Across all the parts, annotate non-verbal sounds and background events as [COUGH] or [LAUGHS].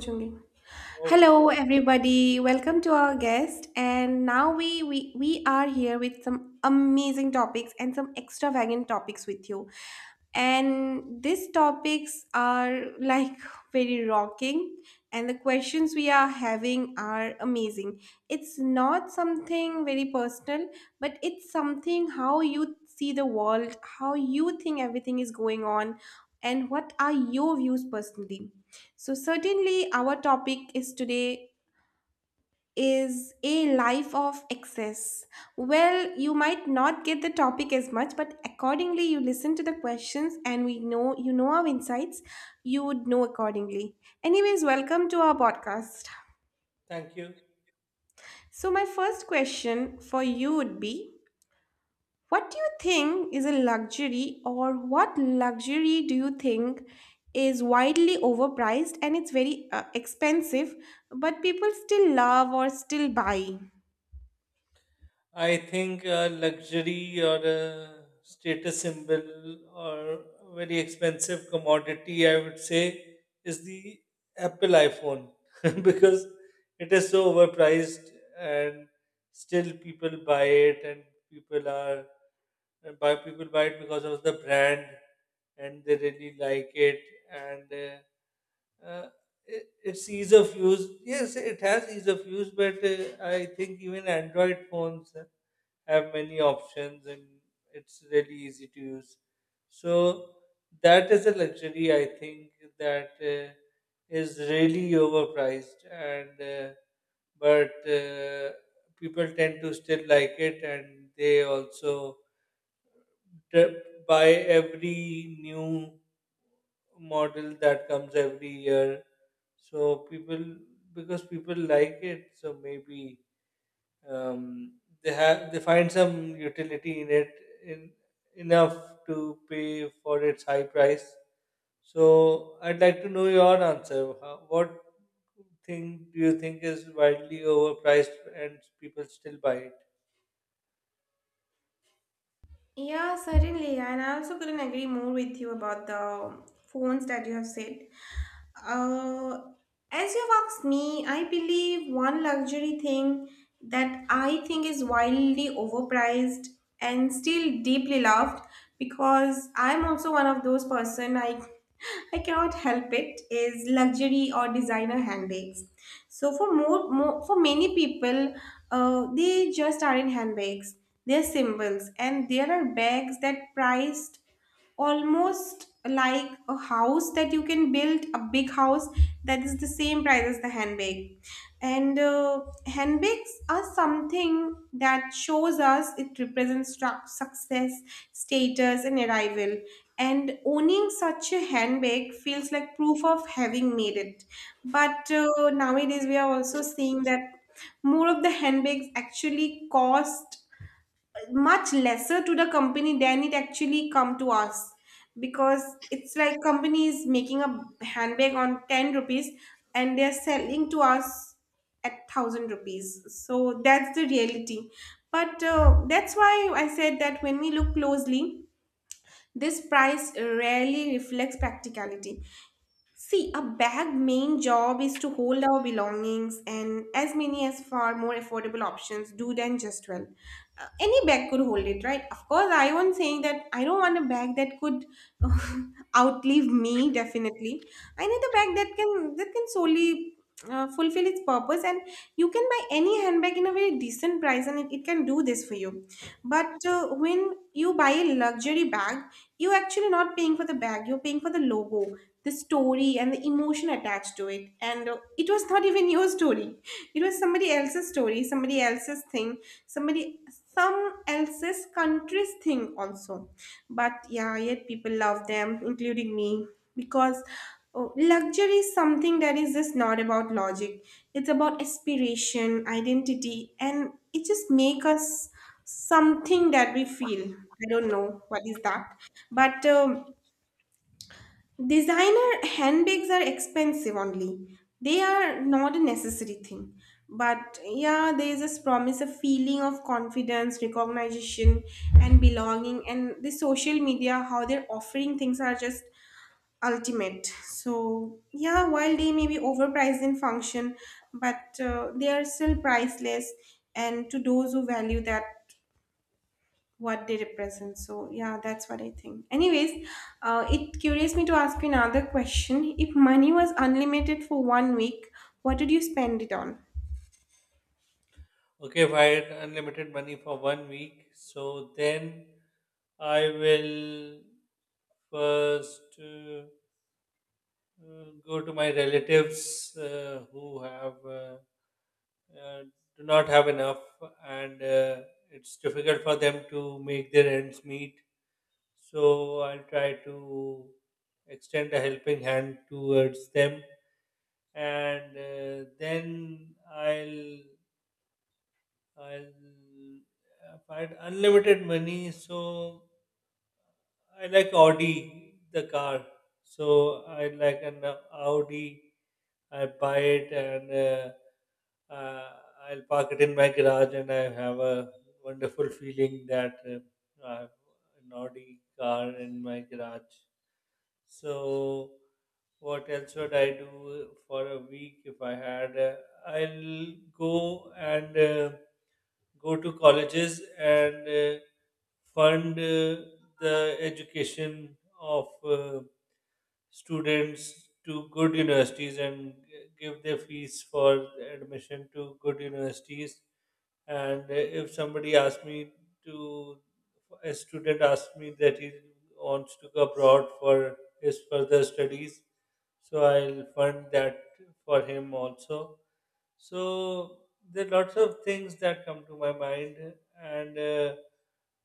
Julie. Okay, Hello, everybody. Welcome to our guest. And now we are here with some amazing topics and some extravagant topics with you. And these topics are like very rocking, and the questions we are having are amazing. It's not something very personal, but it's something how you see the world, how you think everything is going on, and what are your views personally. So certainly our topic is today is a life of excess. Well, you might not get the topic as much, but accordingly you listen to the questions and we know you know our insights, you would know accordingly. Anyways, welcome to our podcast. thank you. So my first question for you would be: what do you think is a luxury, or what luxury do you think is widely overpriced and it's very expensive, but people still love or still buy? I think luxury or a status symbol or a very expensive commodity, I would say, is the Apple iPhone [LAUGHS] because it is so overpriced, and still people buy it, and people are people buy it because of the brand and they really like it. And uh, its ease of use. Yes, it has ease of use, but I think even Android phones have many options and it's really easy to use. So that is a luxury, I think, that is really overpriced, and but uh, people tend to still like it, and they also trip by every new model that comes every year. So people, because people like it, so maybe um, they find some utility in it in enough to pay for its high price. So I'd like to know your answer. How, what thing do you think is wildly overpriced and people still buy it? Yeah, certainly. And I also couldn't agree more with you about the phones that you have said. Uh, as you've asked me, I believe one luxury thing that I think is wildly overpriced and still deeply loved, because I'm also one of those person, I cannot help it, is luxury or designer handbags. So for more, more for many people, they just aren't handbags. They're symbols, and there are bags that priced almost like a house, that you can build a big house that is the same price as the handbag. And handbags are something that shows us, it represents success, status and arrival, and owning such a handbag feels like proof of having made it. But nowadays we are also seeing that more of the handbags actually cost much lesser to the company than it actually come to us, because it's like company is making a handbag on 10 rupees and they're selling to us at 1,000 rupees. So that's the reality. But that's why I said that when we look closely, this price rarely reflects practicality. See, a bag main job is to hold our belongings, and as many as far more affordable options do than just well. Any bag could hold it, right? Of course, I won't saying that I don't want a bag that could [LAUGHS] outlive me, definitely. I need a bag that can solely fulfill its purpose, and you can buy any handbag in a very decent price and it can do this for you. But when you buy a luxury bag, you're actually not paying for the bag, you're paying for the logo, the story and the emotion attached to it. And it was not even your story, it was somebody else's story, somebody else's thing, somebody some else's country's thing also. But yeah, yet people love them, including me, because oh, luxury is something that is just not about logic, it's about aspiration, identity, and it just make us something that we feel, I don't know what is that. But designer handbags are expensive only. They are not a necessary thing. But yeah, there is this promise of feeling of confidence, recognition, and belonging. And the social media, how they're offering things, are just ultimate. So yeah, while they may be overpriced in function, but they are still priceless. And to those who value that, what they represent. So yeah, that's what I think. Anyways, it curious me to ask you another question. If money was unlimited for 1 week, what would you spend it on? Okay, if I had unlimited money for one week, so then I will first go to my relatives who have uh, do not have enough, and it's difficult for them to make their ends meet. So I'll try to extend a helping hand towards them, and then I'll if I had unlimited money, so I like Audi the car. So I like an Audi. I buy it, and I'll park it in my garage, and I have a wonderful feeling that I have an Audi car in my garage. So, what else would I do for a week if I had? I'll go and go to colleges and fund the education of students to good universities, and give their fees for admission to good universities. And if somebody asks me to a student asks me that he wants to go abroad for his further studies, so I'll fund that for him also. So there are lots of things that come to my mind, and uh,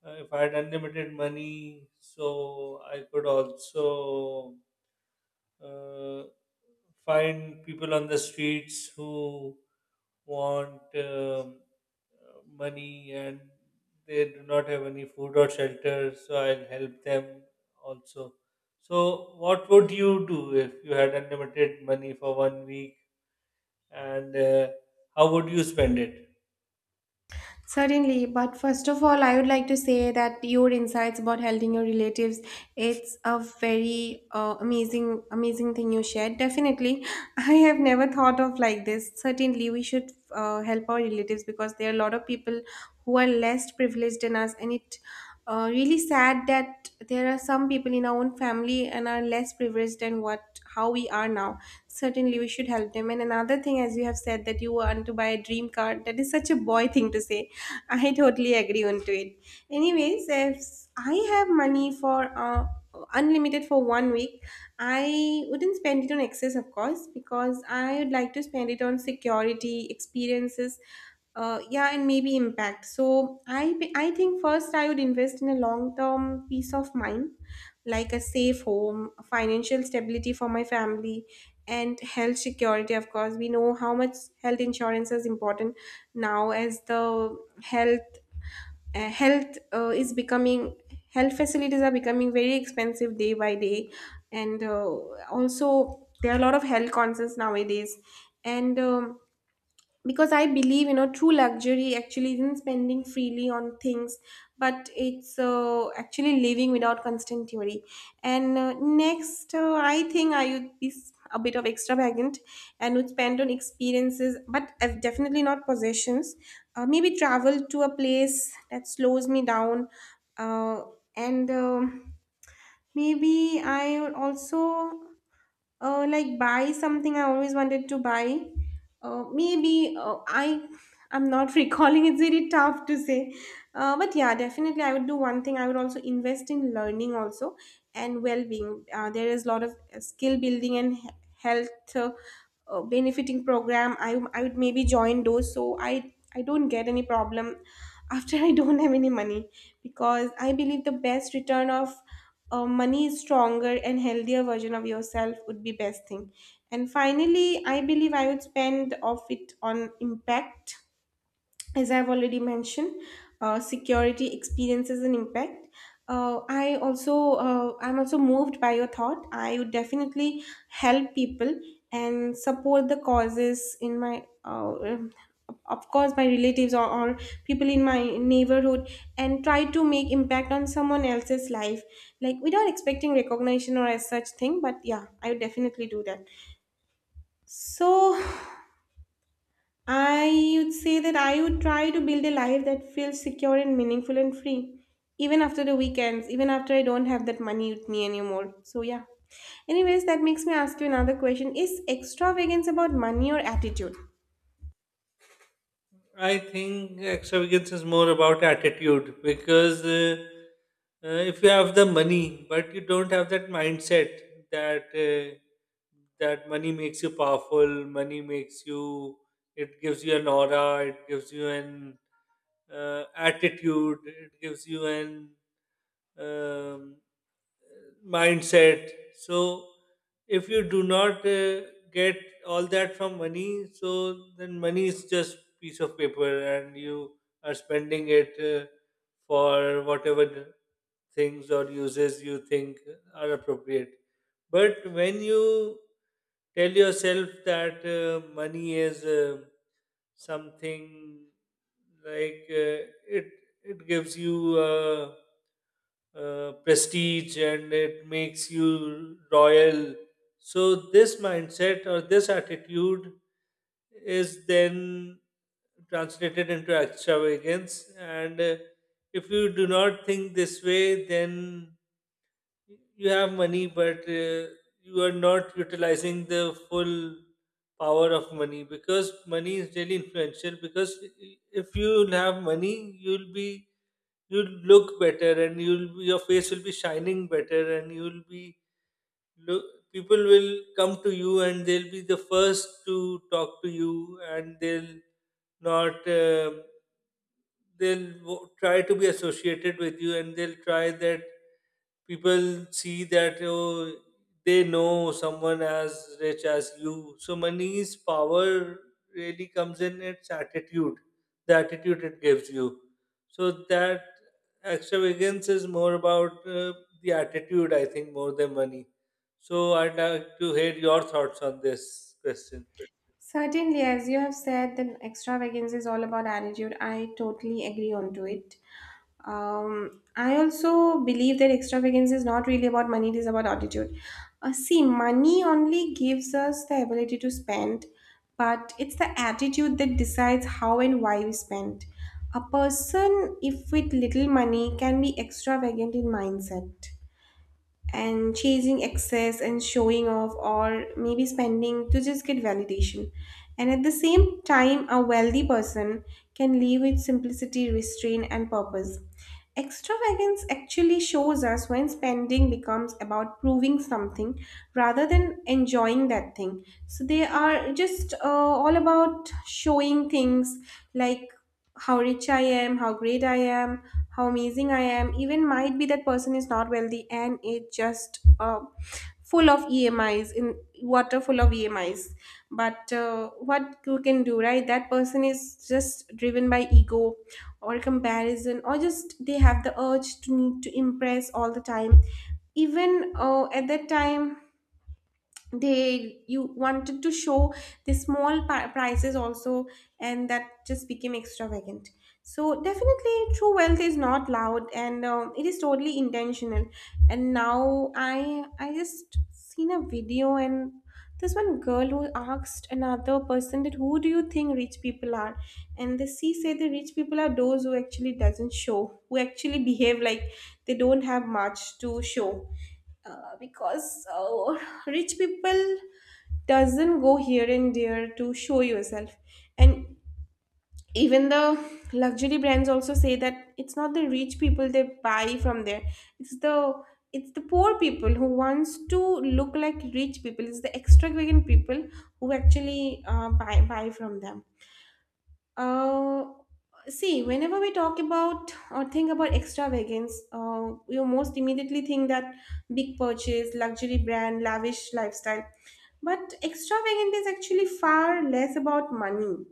uh, if I had unlimited money, so I could also uh, find people on the streets who want money, and they do not have any food or shelter, so I'll help them also. So, what would you do if you had unlimited money for one week, and how would you spend it? Certainly, but first of all, I would like to say that your insights about helping your relatives, it's a very amazing, amazing thing you shared. Definitely, [LAUGHS] I have never thought of like this. Certainly, we should help our relatives, because there are a lot of people who are less privileged than us, and it really sad that there are some people in our own family and are less privileged than what how we are now. Certainly, we should help them. And another thing, as you have said, that you want to buy a dream car, that is such a boy thing to say. I totally agree onto it. Anyways, if I have money for unlimited for 1 week, I wouldn't spend it on excess, of course, because I would like to spend it on security, experiences, yeah, and maybe impact. So I think first I would invest in a long term peace of mind, like a safe home, financial stability for my family, and health security. Of course, we know how much health insurance is important now, as the health health is becoming, health facilities are becoming very expensive day by day. And also there are a lot of health concerns nowadays. And because I believe, you know, true luxury actually isn't spending freely on things, but it's actually living without constant worry. And next, I think I would be a bit of extravagant, and would spend on experiences but as definitely not possessions. Maybe travel to a place that slows me down, uh, and maybe I would also like buy something I always wanted to buy. Maybe I I'm not [LAUGHS] recalling, it's really tough to say. But yeah, definitely I would do one thing, I would also invest in learning also and well-being. There is a lot of skill building and health benefiting program, I would maybe join those so I don't get any problem after [LAUGHS] I don't have any money. Because I believe the best return of a money, stronger and healthier version of yourself, would be best thing. And finally I believe I would spend of it on impact. As I've already mentioned, security, experiences and impact. I also I'm also moved by your thought. I would definitely help people and support the causes in my of course my relatives or people in my neighborhood, and try to make impact on someone else's life, like without expecting recognition or as such thing. But yeah, I would definitely do that. So I would say that I would try to build a life that feels secure and meaningful and free, even after the weekends, even after I don't have that money with me anymore. So, yeah. Anyways, that makes me ask you another question: is extravagance about money or attitude? I think extravagance is more about attitude, because if you have the money but you don't have that mindset that money makes you powerful, money makes you, it gives you an aura, it gives you an attitude, it gives you an um, mindset. So if you do not get all that from money, so then money is just piece of paper, and you are spending it for whatever the things or uses you think are appropriate. But when you tell yourself that money is something like it gives you prestige, and it makes you royal. So, this mindset or this attitude is then translated into extravagance. And if you do not think this way, then you have money, but you are not utilizing the full power of money, because money is really influential. Because if you have money, you'll look better, and your face will be shining better, and look, people will come to you, and they'll be the first to talk to you, and they'll not. They'll try to be associated with you, and they'll try that people see that oh, they know someone as rich as you. So money's power really comes in its attitude, the attitude it gives you. So that extravagance is more about the attitude, I think, more than money. So I'd like to hear your thoughts on this question. Certainly, as you have said, the extravagance is all about attitude. I totally agree onto it. I also believe that extravagance is not really about money; it is about attitude. See, money only gives us the ability to spend, but it's the attitude that decides how and why we spend. A person, if with little money, can be extravagant in mindset and chasing excess and showing off, or maybe spending to just get validation. And at the same time, a wealthy person can live with simplicity, restraint, and purpose. Extravagance actually shows us when spending becomes about proving something rather than enjoying that thing. So they are just all about showing things, like how rich I am, how great I am, how amazing I am. Even might be that person is not wealthy and it just full of EMIs in water full of EMIs. But what you can do, right? That person is just driven by ego or comparison, or just they have the urge to need to impress all the time. Even at that time they you wanted to show the prices also, and that just became extravagant. So definitely true wealth is not loud and it is totally intentional. And now I just seen a video, and this one girl who asked another person that who do you think rich people are, and the she said the rich people are those who actually doesn't show, who actually behave like they don't have much to show. Because [LAUGHS] rich people doesn't go here and there to show yourself. And even the luxury brands also say that it's not the rich people they buy from there, it's the poor people who wants to look like rich people. It's the extravagant people who actually buy from them. uh, See, whenever we talk about or think about extravagance, we most immediately think that big purchase, luxury brand, lavish lifestyle. But extravagant is actually far less about money.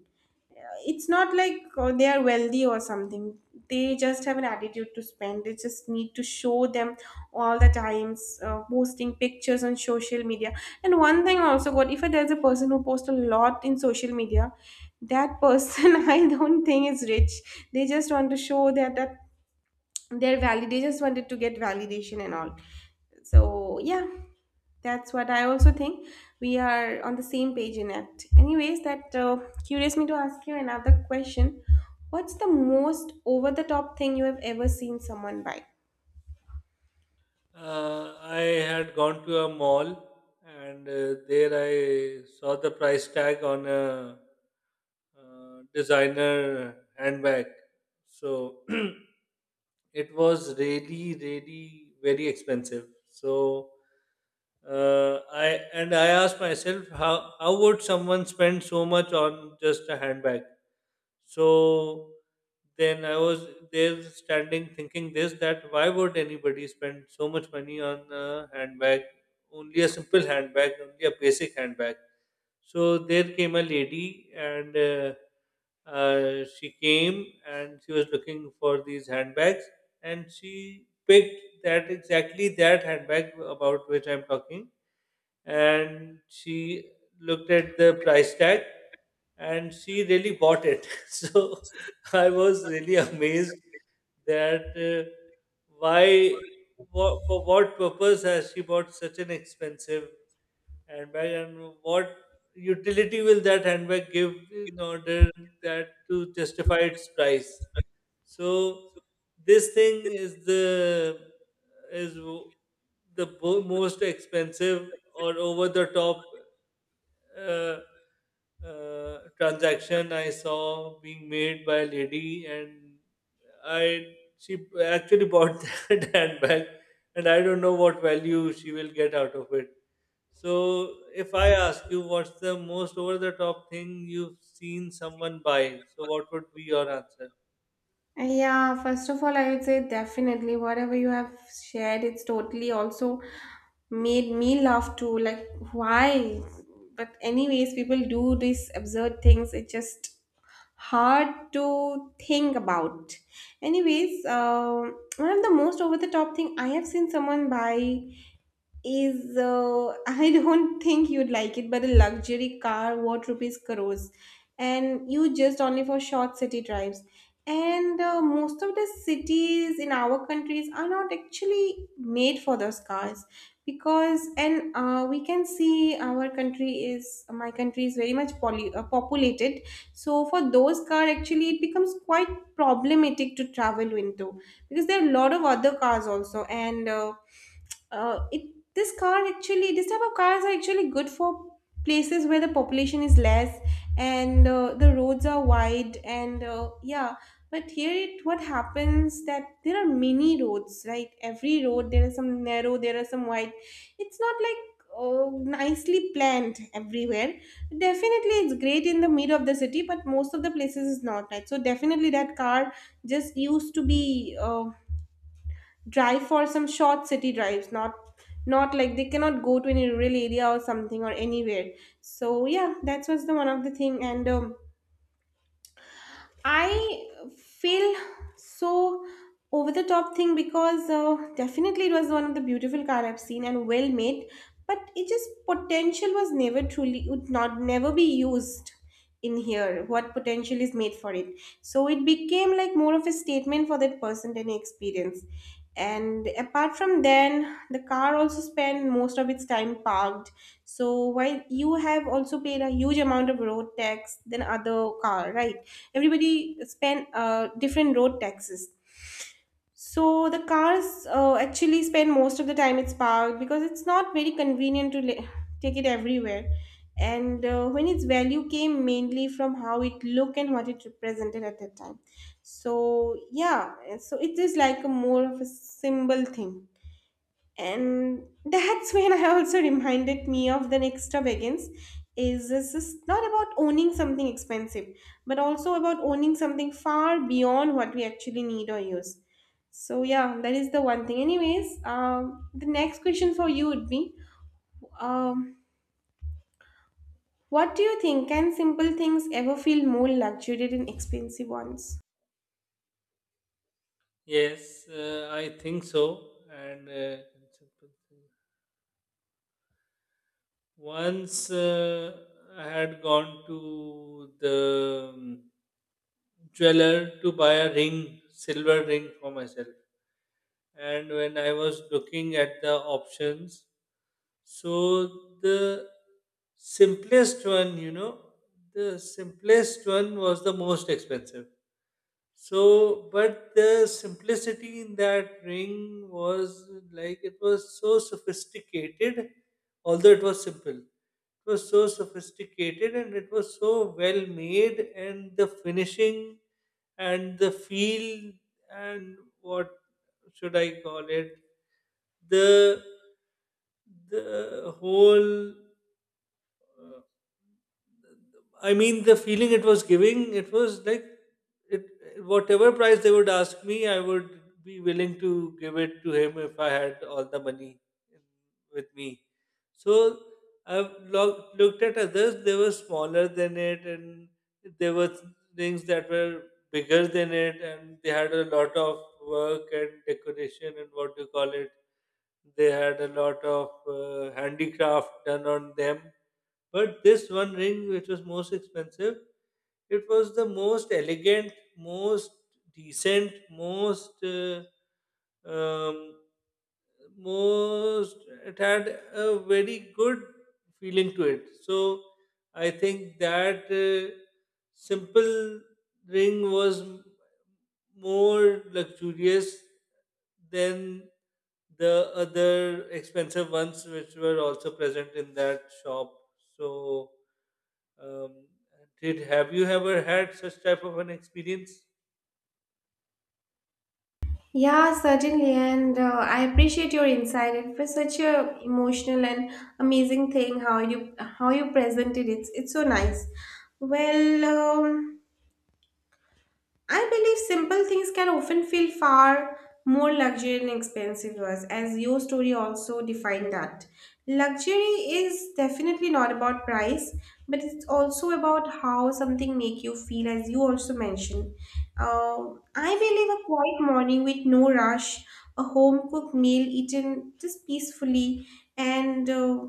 It's not like they are wealthy or something. They just have an attitude to spend, they just need to show them all the times, posting pictures on social media. And one thing also got, if there's a person who posts a lot in social media, that person [LAUGHS] I don't think is rich. They just want to show that they're valid, they just wanted to get validation and all. So yeah, that's what I also think. We are on the same page in it. Anyways, that curious me to ask you another question. What's the most over the top thing you have ever seen someone buy? I had gone to a mall, and there I saw the price tag on a designer handbag. So [CLEARS THROAT] it was really, really very expensive. So uh, I I asked myself how would someone spend so much on just a handbag? So then I was there standing thinking this, that why would anybody spend so much money on a handbag? Only a simple handbag, only a basic handbag. So there came a lady, and she came and she was looking for these handbags, and she picked that exactly that handbag about which I'm talking, and she looked at the price tag, and she really bought it. [LAUGHS] So I was really amazed that why, for what purpose has she bought such an expensive handbag, and what utility will that handbag give in order that to justify its price. So this thing is the is w- the bo- most expensive or over the top uh, transaction I saw being made by a lady, and I she actually bought [LAUGHS] that handbag, and I don't know what value she will get out of it. So if I ask you what's the most over the top thing you've seen someone buy, so what would be your answer? Yeah, first of all, I would say definitely whatever you have shared, it's totally also made me laugh too. Like, why? But, anyways, people do these absurd things. It's just hard to think about. Anyways, one of the most over the top thing I have seen someone buy is [LAUGHS] I don't think you'd like it, but a luxury car, what rupees crores, and you just only for short city drives. And most of the cities in our countries are not actually made for those cars because, and we can see our country is, my country is very much poly, populated. So for those car, actually, it becomes quite problematic to travel into because there are a lot of other cars also, and it this car actually this type of cars are actually good for places where the population is less and the roads are wide and yeah. But here it what happens that there are many roads, right? Every road there are some narrow there are some wide, it's not like uh, nicely planned everywhere. Definitely it's great in the middle of the city but most of the places is not, right? So definitely that car just used to be drive for some short city drives, not not like they cannot go to any rural area or something or anywhere. So yeah, that was the one of the thing. And I feel so over the top thing because definitely it was one of the beautiful car I've seen and well made, but it just potential was never truly would not never be used in here. What potential is made for it, so it became like more of a statement for that person than an experience. And apart from then, the car also spent most of its time parked, so while you have also paid a huge amount of road tax than other car, right? Everybody spend different road taxes. So the cars actually spend most of the time it's parked because it's not very convenient to take it everywhere. And when its value came mainly from how it looked and what it represented at that time. So yeah, so it is like a more of a symbol thing, and that's when I also reminded me of the next begins is this is not about owning something expensive but also about owning something far beyond what we actually need or use. So yeah, that is the one thing. Anyways, the next question for you would be um, what do you think, can simple things ever feel more luxurious than expensive ones? Yes, I think so. And once I had gone to the jeweler to buy a ring, silver ring for myself. And when I was looking at the options, so the simplest one, you know, the simplest one was the most expensive. So, but the simplicity in that ring was like it was so sophisticated, although it was simple. It was so sophisticated, and it was so well made, and the finishing and the feel and what should I call it? The the whole, I mean, the feeling it was giving, it was like it whatever price they would ask me, I would be willing to give it to him if I had all the money with me. So I've looked at others; they were smaller than it, and there were things that were bigger than it, and they had a lot of work and decoration, and what do you call it. They had a lot of handicraft done on them. But this one ring, which was most expensive, it was the most elegant, most decent, most um, most it had a very good feeling to it. So I think that simple ring was more luxurious than the other expensive ones, which were also present in that shop. So um, did have you ever had such type of an experience? Yeah, certainly. And I appreciate your insight. It was such a emotional and amazing thing how you presented it. It's so nice. Well, I believe simple things can often feel far more luxury and expensive to us, as your story also defined that. Luxury is definitely not about price, but it's also about how something make you feel, as you also mentioned. Uh, I believe a quiet morning with no rush, a home cooked meal eaten just peacefully, and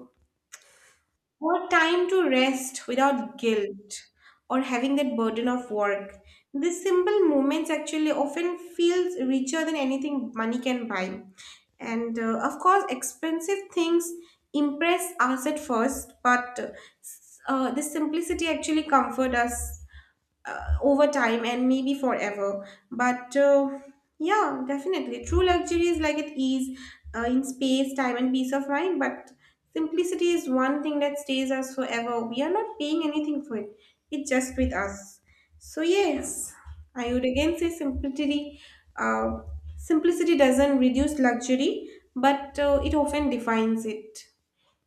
or time to rest without guilt or having that burden of work. These simple moments actually often feels richer than anything money can buy. And of course, expensive things impress us at first, but the simplicity actually comfort us over time and maybe forever. But yeah, definitely. True luxury is like at ease in space, time, and peace of mind. But simplicity is one thing that stays us forever. We are not paying anything for it, it's just with us. So, yes, I would again say simplicity. Uh, simplicity doesn't reduce luxury, but it often defines it.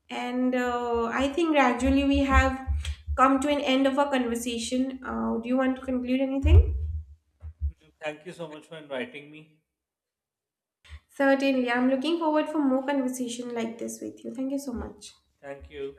And I think gradually we have come to an end of our conversation. Do you want to conclude anything? Thank you so much for inviting me. Certainly. I'm looking forward for more conversation like this with you. Thank you so much. Thank you.